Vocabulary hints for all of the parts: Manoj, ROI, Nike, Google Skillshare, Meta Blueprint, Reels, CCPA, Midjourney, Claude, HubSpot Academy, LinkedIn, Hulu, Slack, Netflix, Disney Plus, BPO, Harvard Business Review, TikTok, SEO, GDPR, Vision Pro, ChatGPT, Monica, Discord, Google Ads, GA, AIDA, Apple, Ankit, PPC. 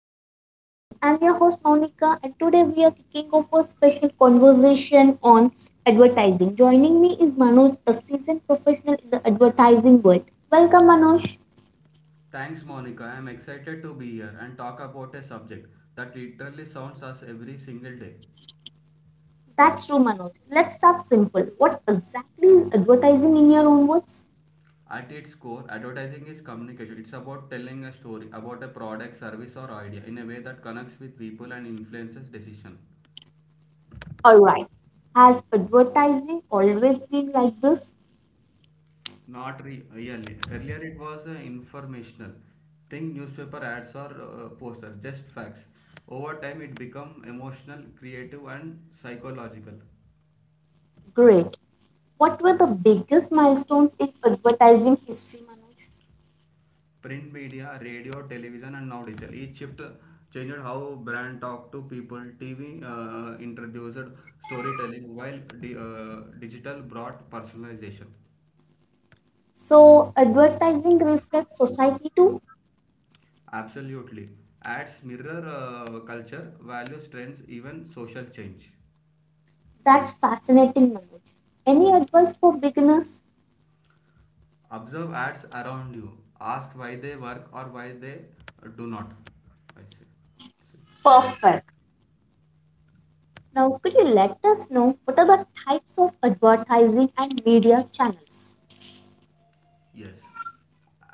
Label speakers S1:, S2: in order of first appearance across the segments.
S1: of advertising. I'm your host Monica, and today we are kicking off a special conversation on advertising. Joining me is Manoj, a seasoned professional in the advertising world. Welcome Manoj.
S2: Thanks, Monica. I'm excited to be here and talk about a subject that literally sounds us every single day.
S1: That's true, Manoj. Let's start simple. What exactly is advertising in your own words?
S2: At its core, advertising is communication. It's about telling a story about a product, service, or idea in a way that connects with people and influences decision.
S1: Alright. Has advertising always been like this?
S2: Not really. Earlier, it was informational. Think newspaper ads or poster, just facts. Over time, it become emotional, creative, and psychological.
S1: Great. What were the biggest milestones in advertising history, Manoj?
S2: Print media, radio, television, and now digital. Each shift changed how brand talk to people. TV introduced storytelling, while digital brought personalization.
S1: So advertising reflects society too.
S2: Absolutely, ads mirror culture, values, trends, even social change.
S1: That's fascinating, Manoj. Any advice for beginners?
S2: Observe ads around you. Ask why they work or why they do not. I see.
S1: Perfect. Now, could you let us know what are the types of advertising and media channels?
S2: Yes.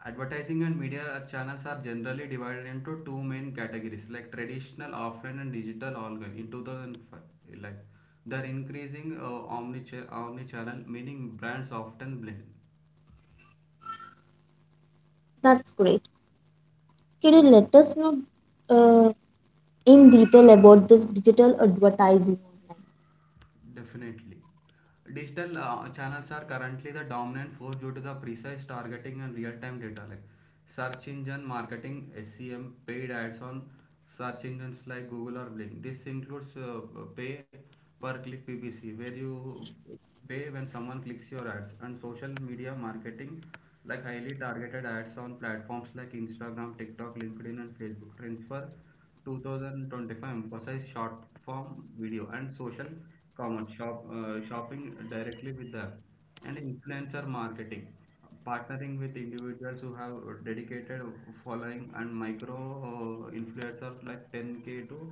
S2: Advertising and media channels are generally divided into two main categories, like traditional offline and digital organ. In 2005, like they increasing omni-channel, meaning brands often blend.
S1: That's great. Can you let us know uh, in detail about this digital advertising online?
S2: Definitely. Digital channels are currently the dominant force due to the precise targeting and real-time data, like search engine marketing, SEM, paid ads on search engines like Google or Bing. This includes pay per click, PPC, where you pay when someone clicks your ads, and social media marketing, like highly targeted ads on platforms like Instagram, TikTok, LinkedIn and Facebook transfer 2025 emphasized short form video and social commerce, shop, shopping directly with the app, and influencer marketing, partnering with individuals who have dedicated following, and micro influencers like 10k to uh,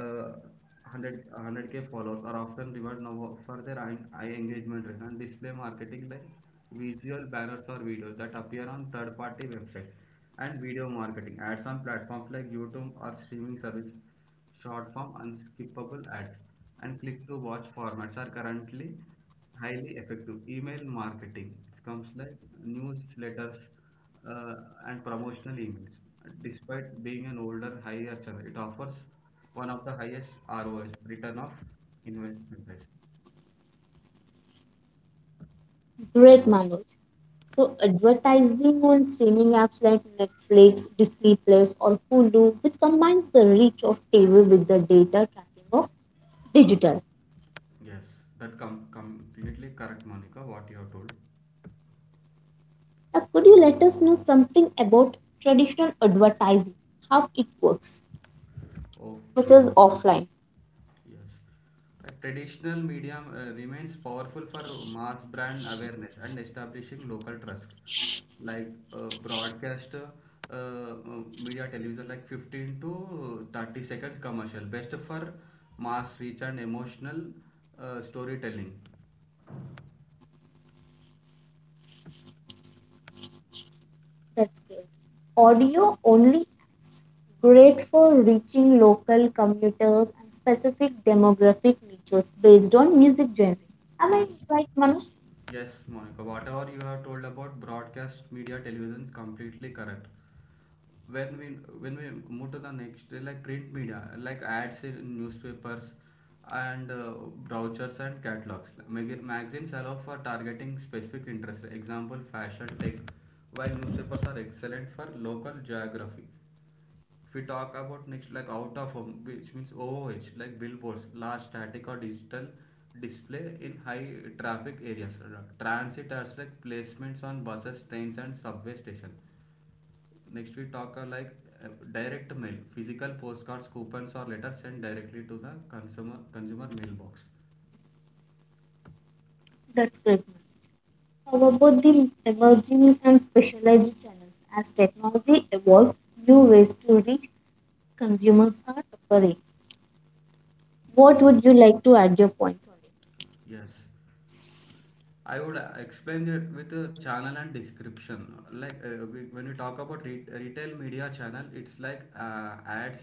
S2: 100k followers are often rewarded now for their high engagement rate. And display marketing, like visual banners or videos that appear on third party websites. And video marketing ads on platforms like YouTube or streaming service, short form unskippable ads and click to watch formats are currently highly effective. Email marketing, it comes like newsletters uh, and promotional emails. Despite being an older higher channel, it offers one of the highest ROIs, return of investment risk.
S1: Great, Manoj. So, advertising on streaming apps like Netflix, Disney Plus, or Hulu, which combines the reach of TV with the data tracking of digital.
S2: Yes, that completely correct, Monica, what you have told.
S1: Now, could you let us know something about traditional advertising, how it works,
S2: Oh,
S1: which is offline?
S2: yes. Traditional medium remains powerful for mass brand awareness and establishing local trust. Like broadcast media television, like 15 to 30 seconds commercial, best for mass reach and emotional storytelling.
S1: That's great. Audio only ads, great for reaching local commuters and specific demographic niches based on music genre. Am I
S2: Yes.
S1: right, Manoj?
S2: Yes, Monica, whatever you have told about broadcast media television is completely correct. When we when we move to the next like print media, like ads in newspapers and brochures and catalogs. Magazines allow for targeting specific interests. Example fashion tech, while newspapers are excellent for local geography. If we talk about next, like out of home, which means OOH, like billboards, large static or digital display in high traffic areas. Transit as like placements on buses, trains, and subway station. Next, we talk like direct mail, physical postcards, coupons, or letters sent directly to the consumer mailbox.
S1: That's great, Manoj. How about the emerging and specialized channels? As technology evolves, new ways to reach consumers are appearing. What
S2: Yes,
S1: would you like to add your points on it?
S2: yes. I would explain it with a channel and description. Like when we talk about retail media channel, it's like ads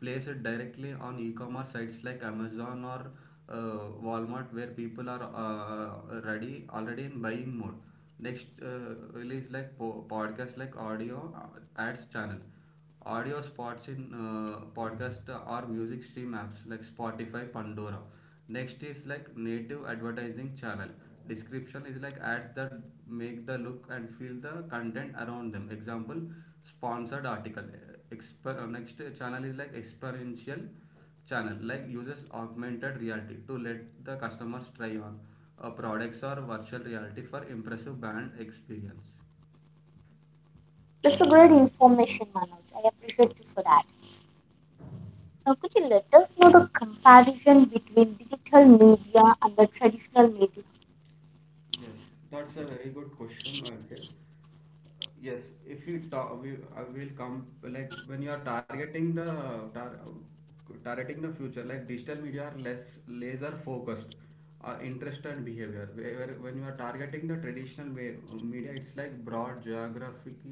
S2: placed directly on e-commerce sites like Amazon or Walmart, where people are ready already in buying mode. Next release like podcast, like audio ads channel, audio spots in podcast or music stream apps like Spotify, Pandora. Next is like native advertising channel. Description is like ads that make the look and feel the content around them. Example, sponsored article. Next channel is like experiential channel, like uses augmented reality to let the customers try on products or virtual reality for impressive brand experience.
S1: That's a great information, Manoj. I appreciate you for that. Now, could you let us know the comparison between digital media and the traditional media?
S2: Yes, that's a very good question, Ankit. Yes, if you talk we I will come, like when you are tar, targeting the future. Like, digital media are less laser focused interest and behavior, when you are targeting the traditional way, media it's like broad geographic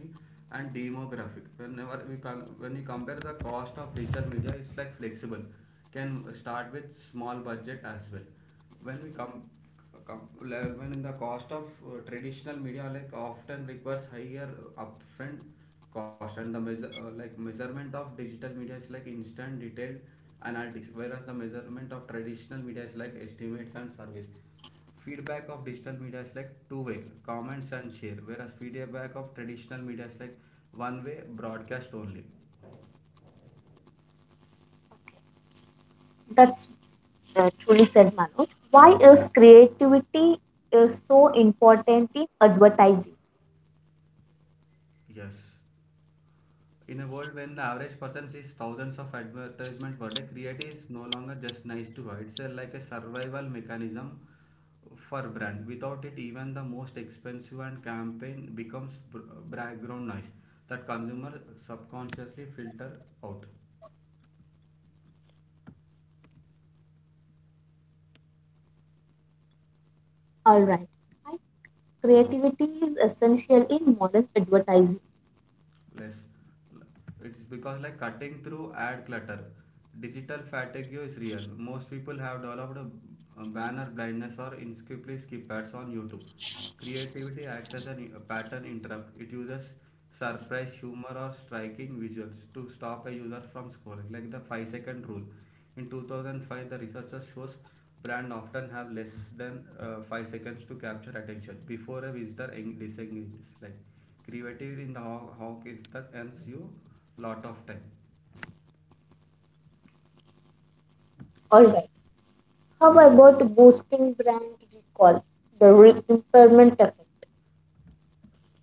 S2: and demographic. Whenever we can When you compare the cost of digital media, it's like flexible, can start with small budget as well. When we come com- le- When the cost of traditional media like often requires higher upfront cost. And the measure, like measurement of digital media is like instant detailed analytics, whereas the measurement of traditional media is like estimates and surveys. Feedback of digital media is like two-way comments and share, whereas feedback of traditional media is like one way broadcast only.
S1: That's Truly said, Manoj. Why is creativity is so important in advertising?
S2: Yes, in a world when the average person sees thousands of advertisement per day, creative is no longer just nice to have, it's like a survival mechanism for brand. Without it, even the most expensive and campaign becomes background noise that consumer subconsciously filter out.
S1: All right. Why creativity is essential in modern advertising.
S2: Less, it's because like cutting through ad clutter, digital fatigue is real. Most people have developed a banner blindness or inexcusably skip ads on YouTube. Creativity acts as a pattern interrupt. It uses surprise, humor, or striking visuals to stop a user from scrolling, like the 5-second rule. In 2005, the researchers shows brands often have less than 5 seconds to capture attention before a visitor disengages. Like, creativity in the hawk is that earns you lot of time.
S1: All right. How about boosting brand recall, the impairment effect?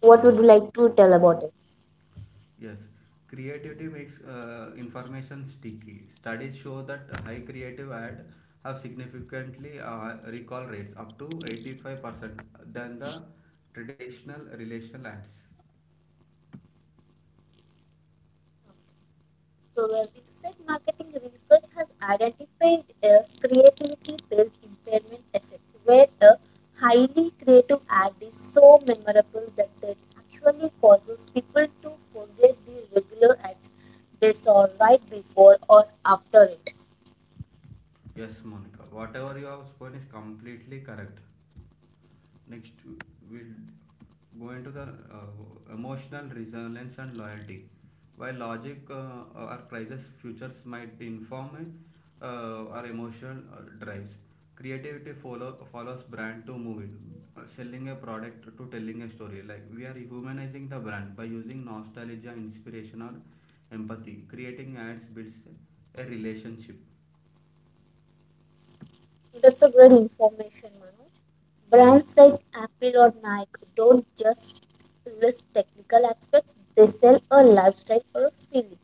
S1: What would
S2: Yes.
S1: you like to tell about it?
S2: Yes, creativity makes information sticky. Studies show that high creative ad have significantly recall rates up to 85% than the traditional relational ads.
S1: So, research marketing research has identified a creativity based impairment effect where a highly creative ad is so memorable that it actually causes people to forget the regular ads they saw right before or after it.
S2: Yes, Monica, whatever you have spoken is completely correct. Next, we'll go into the emotional resilience and loyalty. While logic or prices futures might inform uh, our emotional drives, creativity follows brand to movie, selling a product to telling a story. Like, we are humanizing the brand by using nostalgia, inspiration, or empathy. Creating ads builds a relationship.
S1: That's a great information, Manoj. Brands like Apple or Nike don't just list technical aspects, they sell a lifestyle or a feeling.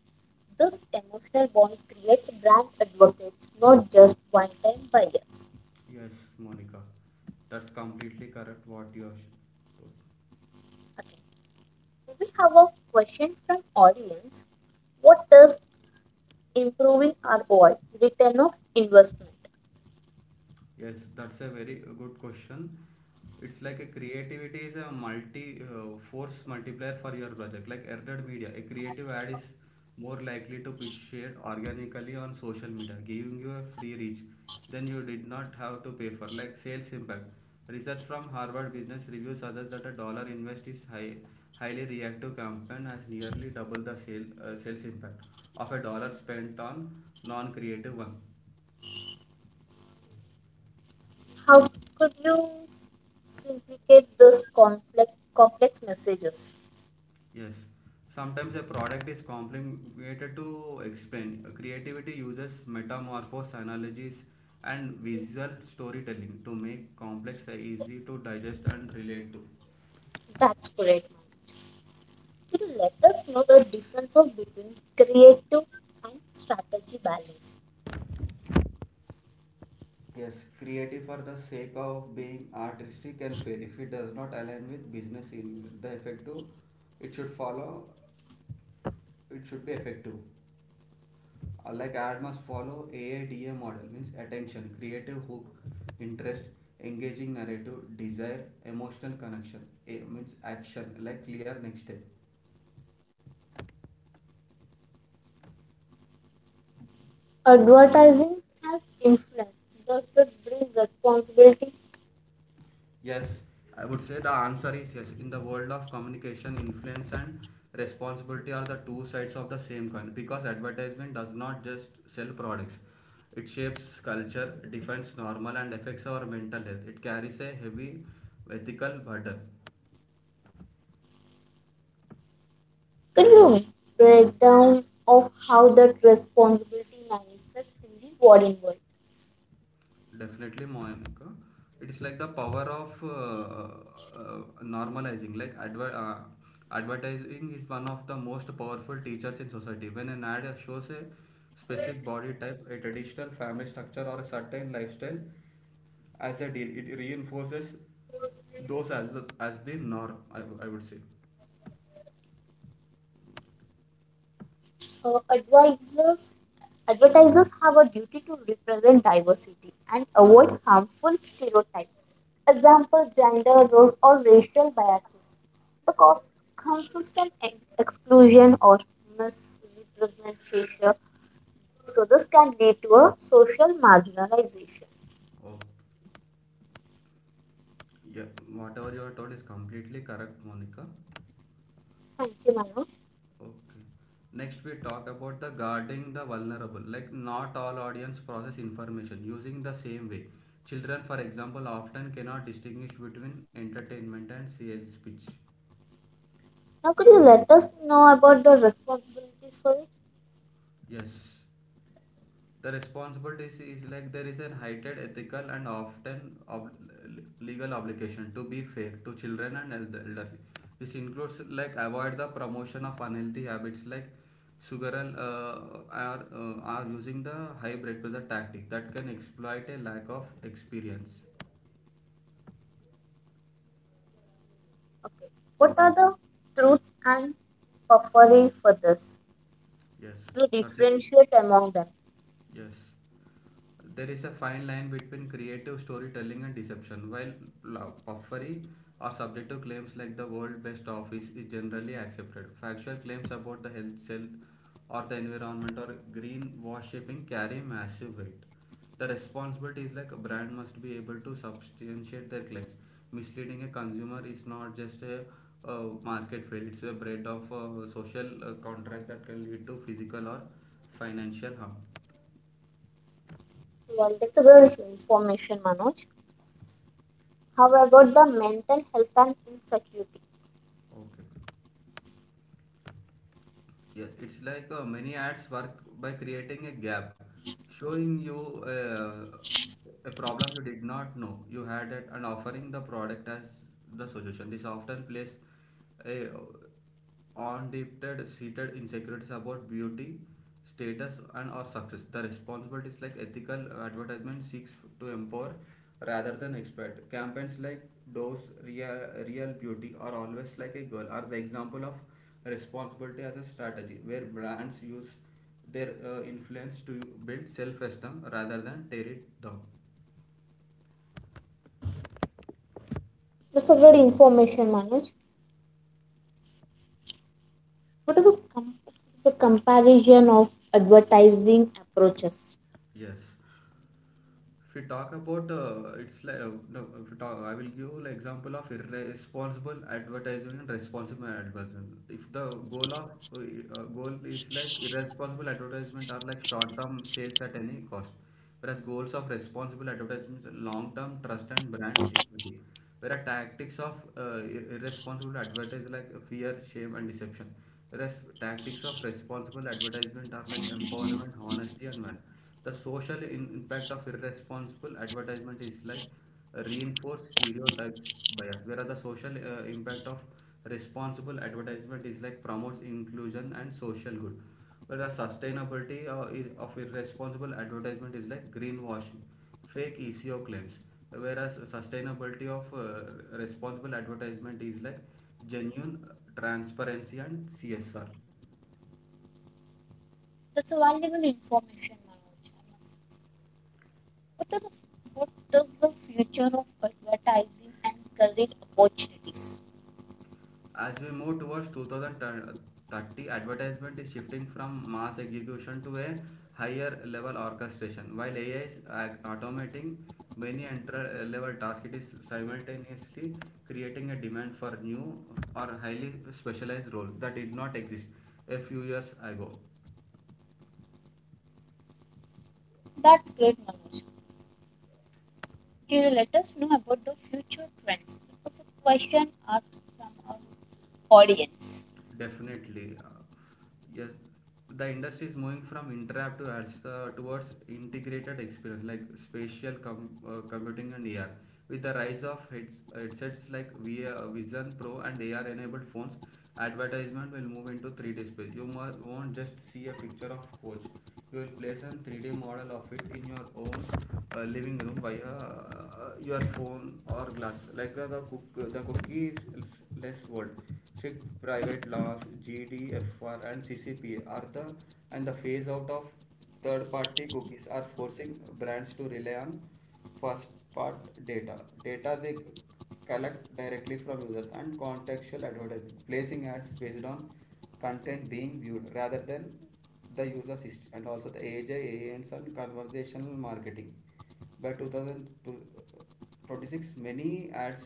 S1: This emotional bond creates brand advocates, not just one-time buyers.
S2: Yes, Monica, that's completely correct what you have told.
S1: Okay. So we have a question from audience. What does improving ROI, return of investment?
S2: Yes, that's a very good question. It's like a creativity is a multi force multiplier for your project. Like earned media, a creative ad is more likely to be shared organically on social media, giving you a free reach. Then you did not have to pay for like sales impact. Research from Harvard Business Review suggests that a dollar invest is highly reactive campaign has nearly double the sales impact of a dollar spent on non-creative one.
S1: How could you simplicate this complex messages?
S2: Yes, sometimes a product is complicated to explain. Creativity uses metamorphose analogies and visual storytelling to make complex easy to digest and relate to.
S1: That's great, Manoj. Could you let us know the differences between creative and strategy balance?
S2: Yes, creative for the sake of being artistic and fair. If it does not align with business in the effective, it should follow, it should be effective. Like, ad must follow AIDA model means attention, creative hook, interest, engaging narrative, desire, emotional connection. A means action, like clear next step.
S1: Advertising has influence. Does that bring responsibility?
S2: Yes, I would say the answer is yes. In the world of communication, influence and responsibility are the two sides of the same coin, because advertisement does not just sell products. It shapes culture, defines normal and affects our mental health. It carries a heavy ethical burden.
S1: Could you break down of how that responsibility manifests in the modern world?
S2: Definitely, Monica. It's like the power of normalizing. Like advertising is one of the most powerful teachers in society. When an ad shows a specific body type, a traditional family structure, or a certain lifestyle as a deal, it reinforces those as the norm. I would say.
S1: Uh, advisors, Advertisers have a duty to represent diversity and avoid harmful stereotypes, example, gender roles or racial biases, because consistent exclusion or misrepresentation. So this can lead to a social marginalization.
S2: Oh, yeah. Whatever you are told is completely correct, Monica.
S1: Thank you, Manu.
S2: Okay. Next, we talk about the guarding the vulnerable. Like, not all audience process information using the same way. Children, for example, often cannot distinguish between entertainment and sales pitch.
S1: Now could you let us know about the responsibilities for it?
S2: Yes. The responsibility is like there is an heightened ethical and often legal obligation to be fair to children and elderly. This includes like avoid the promotion of unhealthy habits like sugar and are using the hybrid to the tactic that can exploit a lack of experience.
S1: Okay. What are the truths and puffery for this?
S2: Yes,
S1: To
S2: that's a good.
S1: differentiate among them.
S2: Yes. There is a fine line between creative storytelling and deception. While puffery or subjective claims like the world best office is generally accepted, factual claims about the health or the environment or greenwashing carry massive weight. The responsibility is like a brand must be able to substantiate their claims. Misleading a consumer is not just a market fail, it's a bread of social contract that can lead to physical or financial harm.
S1: Well, that's a multiple information, Manoj. How about the mental health and insecurity?
S2: Okay. Yeah, it's like many ads work by creating a gap, showing you uh, a problem you did not know you had it, and offering the product as the solution. This often plays a undipped seated insecurities about beauty, status, and or success. The responsibilities like ethical advertisement seeks to empower rather than exploit. Campaigns like those real beauty are always like a girl are the example of responsibility as a strategy where brands use their influence to build self esteem rather than tear it down.
S1: That's a good information, Manoj. What is the, the comparison of advertising approaches?
S2: Yes. If we talk about it's like no, if we talk, I will give like example of irresponsible advertising and responsible advertisement. If the goal of goal is like irresponsible advertisement are like short-term sales at any cost, whereas goals of responsible advertisement is long-term trust and brand equity. Whereas tactics of irresponsible advertising like fear, shame, and deception. Whereas tactics of responsible advertisement are like empowerment, honesty, and value. The social impact of irresponsible advertisement is like reinforce stereotypes bias, whereas the social impact of responsible advertisement is like promotes inclusion and social good. Whereas sustainability is of irresponsible advertisement is like greenwashing, fake ECO claims. Whereas sustainability of responsible advertisement is like genuine transparency and CSR.
S1: That's a valuable information, Manoj. What, are the, what is the future of advertising and career opportunities?
S2: As we move towards 2030, advertisement is shifting from mass execution to a higher level orchestration. While AI is automating many entry level tasks, it is simultaneously creating a demand for new or highly specialized roles that did not exist a few years ago.
S1: That's great, Manoj. Can you let us know about the future trends? That's a question asked from our audience.
S2: Definitely, yes. The industry is moving from interactive to ads towards integrated experience like spatial computing and AR. With the rise of headsets like Vision Pro and AR-enabled phones, advertisement will move into 3D space. You won't just see a picture of coach, you will place a 3D model of it in your own living room via your phone or glass like the cookies less world SIG private laws: GDPR and ccpa are the and the phase out of third party cookies are forcing brands to rely on first part data data they collect directly from users, and contextual advertising placing ads based on content being viewed rather than the users and also the AJ, AANs and conversational marketing. By 2026, many ads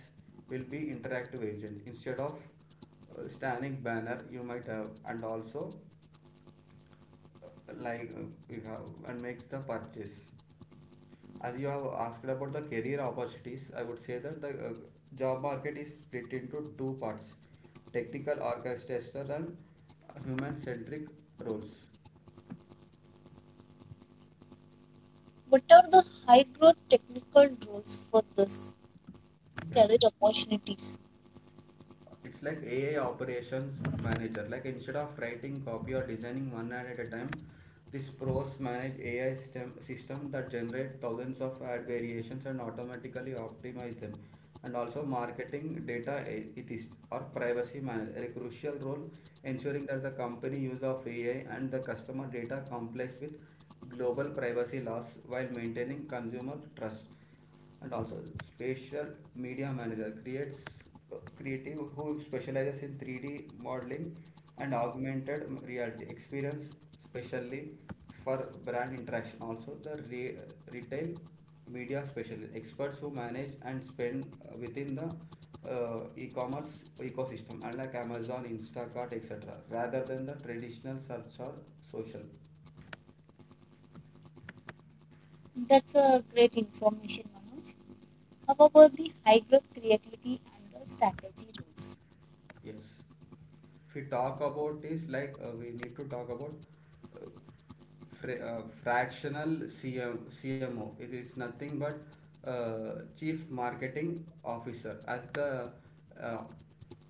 S2: will be interactive agent instead of standing banner you might have, and also uh, like uh, you have and makes the purchase. As you have asked about the career opportunities, I would say that the job market is split into two parts, technical orchestration and human-centric roles.
S1: What are the high growth technical roles for this
S2: Yes.
S1: career opportunities?
S2: It's like AI operations manager, like instead of writing copy or designing one ad at a time, this pros manage AI system that generate thousands of ad variations and automatically optimize them, and also marketing data it is or privacy manager, a crucial role ensuring that the company use of AI and the customer data complies with global privacy laws while maintaining consumer trust. And also spatial media manager creates creative who specializes in 3D modeling and augmented reality experience specially for brand interaction, also the retail media specialists, experts who manage and spend within the e-commerce ecosystem unlike amazon, instacart, etc, rather than the traditional search or social.
S1: That's a great information, Manoj. How about the high growth creativity and the strategy roles?
S2: Yes. If we talk about this, like we need to talk about uh, fractional CMO. It is nothing but Chief Marketing Officer. As the uh,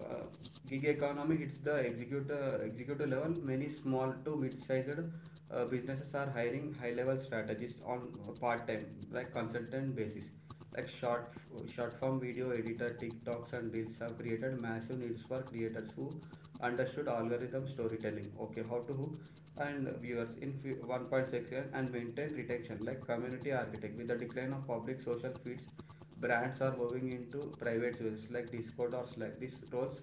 S2: uh, gig economy hits the executive level, many small to mid-sized businesses are hiring high-level strategists on a part-time, like consultant basis. Like short form video editor, TikToks and Reels have created massive needs for creators who understood algorithm storytelling. Okay, how to hook and viewers in 1.6 year and maintain retention like community architect. With the decline of public social feeds, brands are moving into private spaces like Discord or Slack. These roles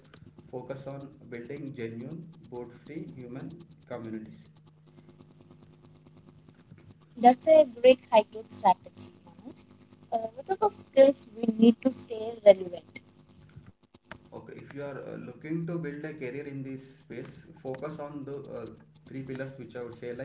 S2: focus on building genuine, boot-free human communities.
S1: That's a great high growth strategy, Manoj. What are the skills we need to stay relevant?
S2: Okay, if you are looking to build a career in this space, focus on the three pillars which I would say, like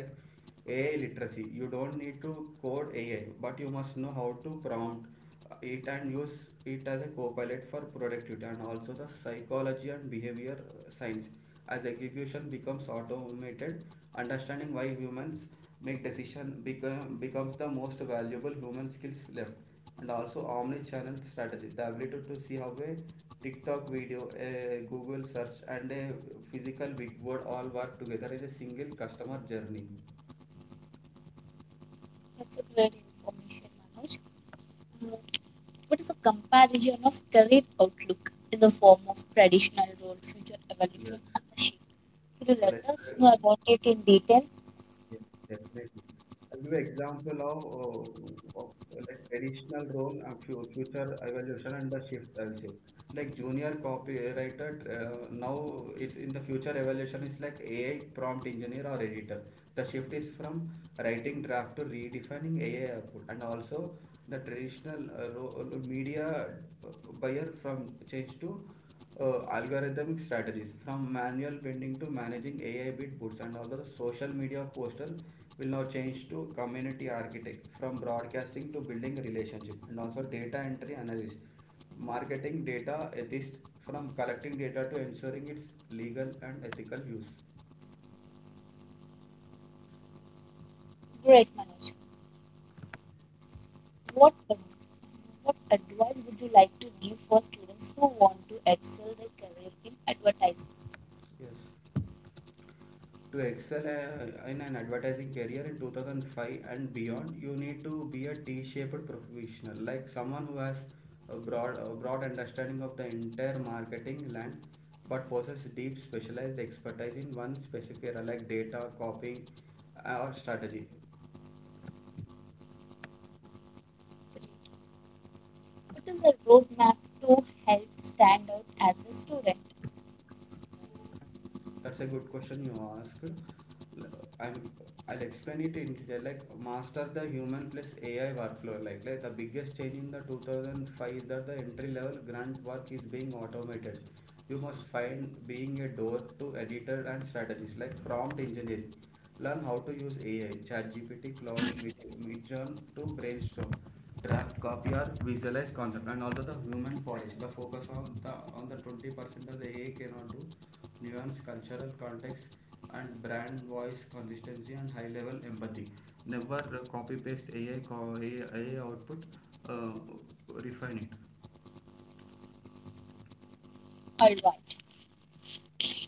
S2: AI literacy. You don't need to code AI, but you must know how to prompt it and use it as a co-pilot for productivity, and also the psychology and behavior science. As execution becomes automated, understanding why humans becomes the most valuable human skills left, and also omni-channel strategy, the ability to see how a tiktok video, a google search and a physical billboard all work together in a single customer journey.
S1: That's a great information, Manoj. Uh, what is the comparison of career outlook in the form of traditional role, future
S2: Yes.
S1: evolution, and the shift? Could you
S2: Uh,
S1: let
S2: let's
S1: us
S2: uh,
S1: know about it in detail?
S2: yes, Definitely, I'll give an example of, like traditional role and future evolution and the shift also. Like junior copywriter, now it's in the future evaluation is like AI prompt engineer or editor, the shift is from writing draft to redefining AI output. And also the traditional role media uh, buyer from change to algorithmic strategies, from manual bending to managing AI bid boosts. And also the social media poster will now change to community architect, from broadcasting to building relationship. And also data entry analysis, marketing data ethics, from collecting data to ensuring its legal and ethical use.
S1: Great, Manoj. What ad- what advice would you like to give for students who want to excel their career in advertising?
S2: Yes. To excel in an advertising career in 2005 and beyond, you need to be a T-shaped professional, like someone who has a broad understanding of the entire marketing land, but possesses deep specialized expertise in one specific area, like data, copying, or strategy.
S1: What is a roadmap to help stand out as a student?
S2: That's a good question you asked. i I'm I'll explain it in detail. Like master the human plus AI workflow. Like the biggest change in the 2005 is that the entry level grunt work is being automated. You must find being a door to editor and strategist like prompt engineering. Learn how to use AI, ChatGPT, Claude, Midjourney to brainstorm, draft, copy or visualize concept. And also the human polish, the focus on the 20% that the AI cannot do, nuance, cultural context and brand voice consistency and high level empathy. Never copy paste ai output, uh, refine it.
S1: Alright.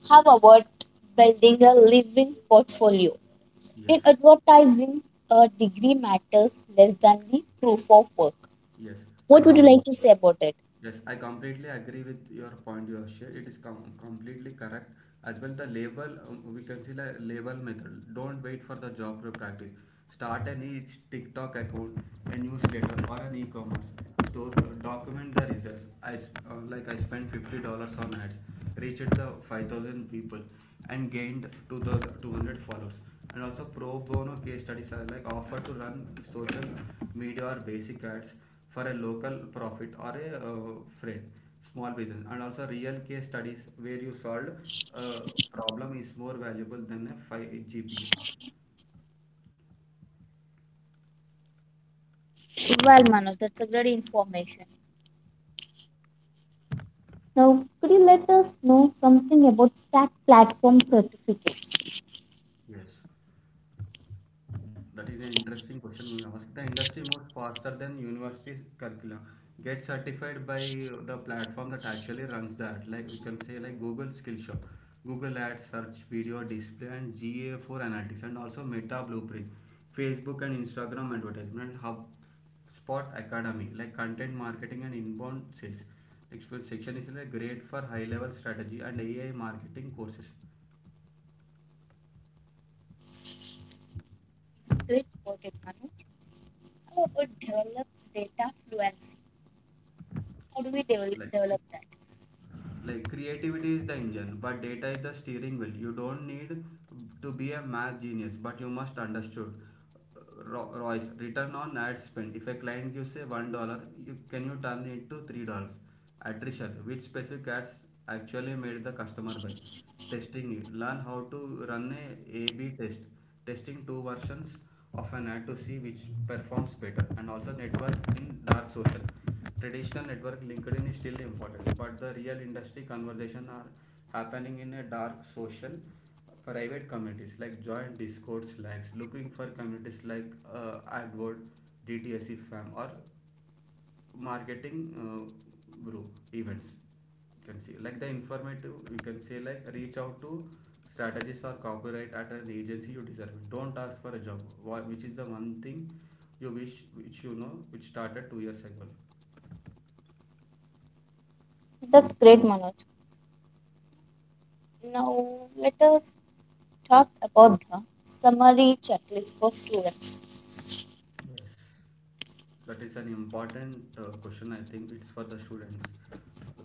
S1: How about building a living portfolio?
S2: Yes.
S1: In advertising, a degree matters less than the proof of work.
S2: Yes,
S1: What
S2: i
S1: would
S2: com-
S1: you like to say about it?
S2: yes, I completely agree with your point you have shared, it is completely correct as well. The label, we consider label method, don't wait for the job to practice. Start an each tiktok account, a newsletter or an e-commerce store. Document the results. I Like, I spent $50 on ads, reached the 5,000 people and gained 2,200 followers. And also pro bono case studies are like offer to run social media or basic ads for a local profit or a friend small business. And also real case studies where you solved uh, problem is more valuable than a 5 gpa.
S1: Well, Manav, that's a great information. Now, could you let us know something about Stack Platform certificates?
S2: Yes. That is an interesting question we ask. The industry moves faster than university curriculum. Get certified by the platform that actually runs that. Like we can say like Google Skillshare, Google Ads, Search Video Display, and GA for Analytics, and also Meta Blueprint, Facebook and Instagram advertisement, HubSpot Academy, like content marketing and inbound sales. Next section is like great for high level strategy and AI marketing courses.
S1: Great about it, Manu. How about develop data fluency? How do we
S2: Like
S1: develop that?
S2: like creativity is the engine but data is the steering wheel. You don't need to be a math genius but you must understood royce, return on ad spend, if a client gives, say, $1, you turn it to $3. Attrition, which specific ads actually made the customer buy. Testing it, learn how to run a a-b test, testing two versions of an ad to see which performs better. And also network in dark social, traditional network linkedin is still important but the real industry conversation are happening in a dark social, private communities like joint discord slacks, looking for communities like adword, dtsc fam or marketing group events. You can see like the informative, you can say like reach out to strategists or copyright at an agency you deserve it, don't ask for a job, which is the one thing you wish which you know which started 2 years ago.
S1: That's great, Manoj. Now, let us talk about the summary checklist for students.
S2: Yes. That is an important question. I think it's for the students.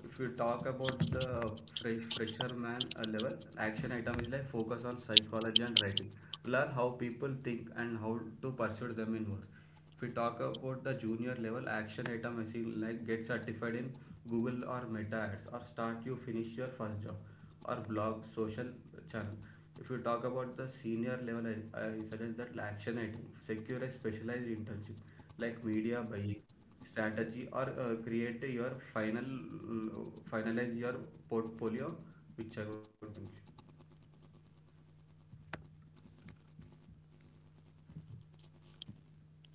S2: If you talk about the fresher man level, action item is like focus on psychology and writing. Learn how people think and how to pursue them in work. If we talk about the junior level, action item is in like get certified in Google or Meta ads, or start, you finish your first job or blog social channel. If you talk about the senior level, I suggest that action item secure a specialized internship, like media buying strategy, or create your finalize your portfolio, which I would think.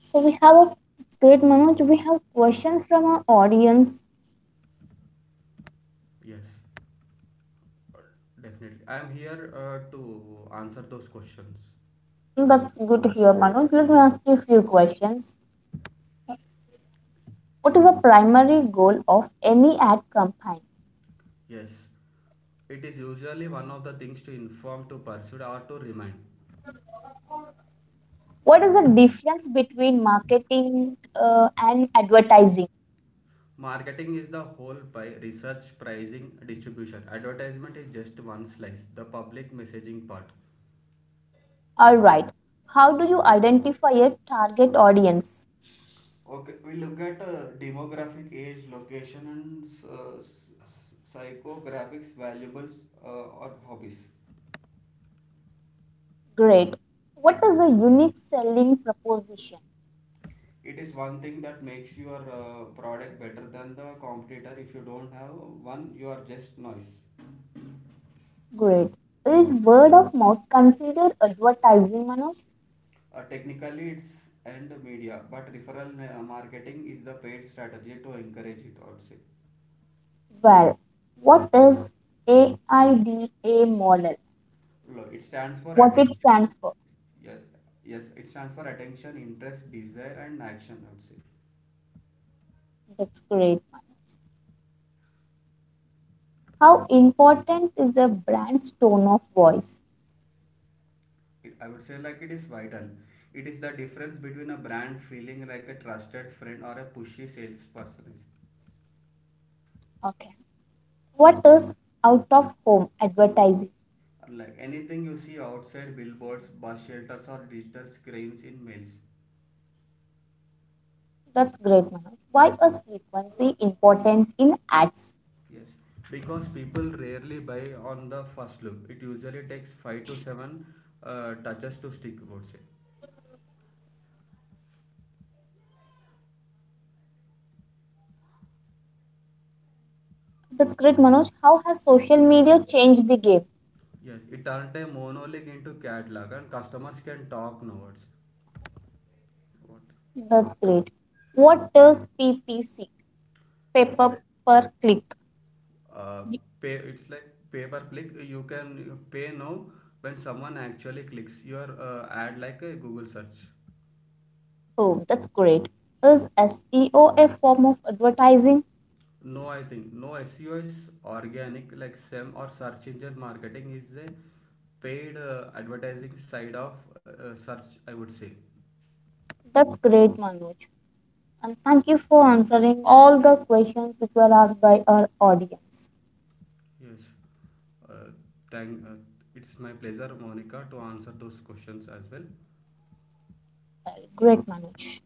S1: So, we have a It's great, Manoj. We have question from our audience.
S2: Yes, definitely, I am here to answer those questions.
S1: That's good to hear, Manoj. Let me ask you a few questions. What is the primary goal of any ad campaign?
S2: Yes, it is usually one of the things: to inform, to pursue or to remind.
S1: What is the difference between marketing and advertising?
S2: Marketing is the whole pie: research, pricing, distribution. Advertisement is just one slice, the public messaging part.
S1: All right. How do you identify a target audience?
S2: Okay, we look at demographic, age, location, and psychographics, valuables, or hobbies.
S1: Great. What is a unique selling proposition?
S2: It is one thing that makes your product better than the competitor. If you don't have one, you are just noise.
S1: Great. Is word of mouth considered advertising, Manoj?
S2: Technically, it's and media, but referral marketing is the paid strategy to encourage it, I would say.
S1: Well, what is AIDA model?
S2: No, it stands for
S1: What
S2: attention.
S1: it stands for?
S2: Yes, yes, it stands for attention, interest, desire, and action, I would say.
S1: That's great, Manoj. How important is a brand's tone of voice?
S2: I would say like it is vital. It is the difference between a brand feeling like a trusted friend or a pushy salesperson.
S1: Okay. What is out of home advertising?
S2: Like anything you see outside: billboards, bus shelters, or digital screens in mails.
S1: That's great, Manoj. Why is frequency important in ads?
S2: Yes, because people rarely buy on the first look. It usually takes five to seven touches to stick, I would say.
S1: That's great, Manoj. How has social media changed the game?
S2: Yes, it turned a monologue into catalog, and customers can talk notes. What?
S1: That's great. What does PPC, pay
S2: It's like
S1: per click?
S2: uh, pay. It's like pay per click. You pay now when someone actually clicks your ad, like a Google search.
S1: Oh, that's great. Is SEO a form of advertising?
S2: No, I think no, SEO is organic. Like SEM, or search engine marketing, is the paid advertising side of search, I would say.
S1: That's great, Manoj. And thank you for answering all the questions which were asked by our audience.
S2: Yes. Uh, thank. It's my pleasure, Monica, to answer those questions as well.
S1: Well, great, Manoj.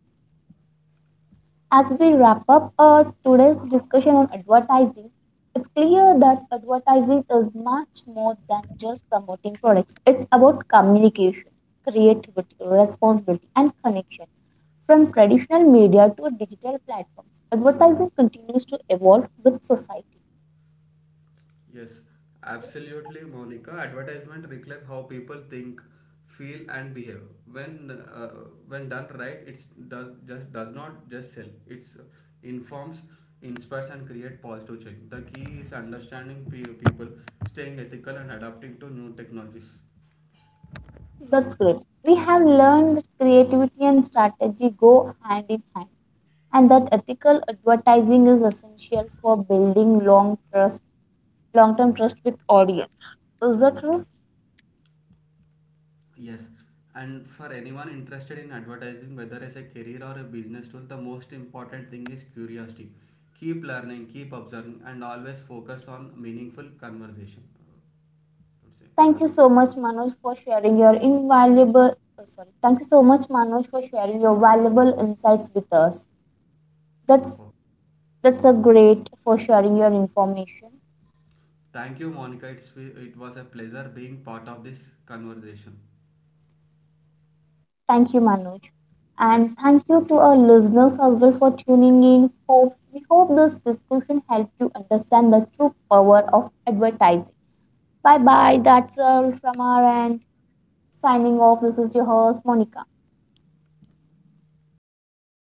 S1: As we wrap up today's discussion on advertising, it's clear that advertising is much more than just promoting products. It's about communication, creativity, responsibility, and connection. From traditional media to digital platforms, advertising continues to evolve with society.
S2: Yes, absolutely, Monica. Advertisement reflect how people think, feel, and behave. When uh, when done right, it does not just sell. It informs, inspires, and create positive change. The key is understanding people, staying ethical, and adapting to new technologies.
S1: That's great. We have learned that creativity and strategy go hand in hand, and that ethical advertising is essential for building long term trust with audience. Is that true?
S2: Yes, and for anyone interested in advertising, whether as a career or a business tool, the most important thing is curiosity. Keep learning, keep observing, and always focus on meaningful conversation, I would say.
S1: Thank you so much, Manoj, for sharing your invaluable. Oh, sorry, thank you so much, Manoj, for sharing your valuable insights with us. That's
S2: Oh,
S1: that's a great for sharing your information.
S2: thank you, Monica. It was a pleasure being part of this conversation.
S1: Thank you, Manoj, and thank you to our listeners as well for tuning in. Hope this discussion helped you understand the true power of advertising. Bye bye. That's all from our end. Signing off. This is your host, Monica.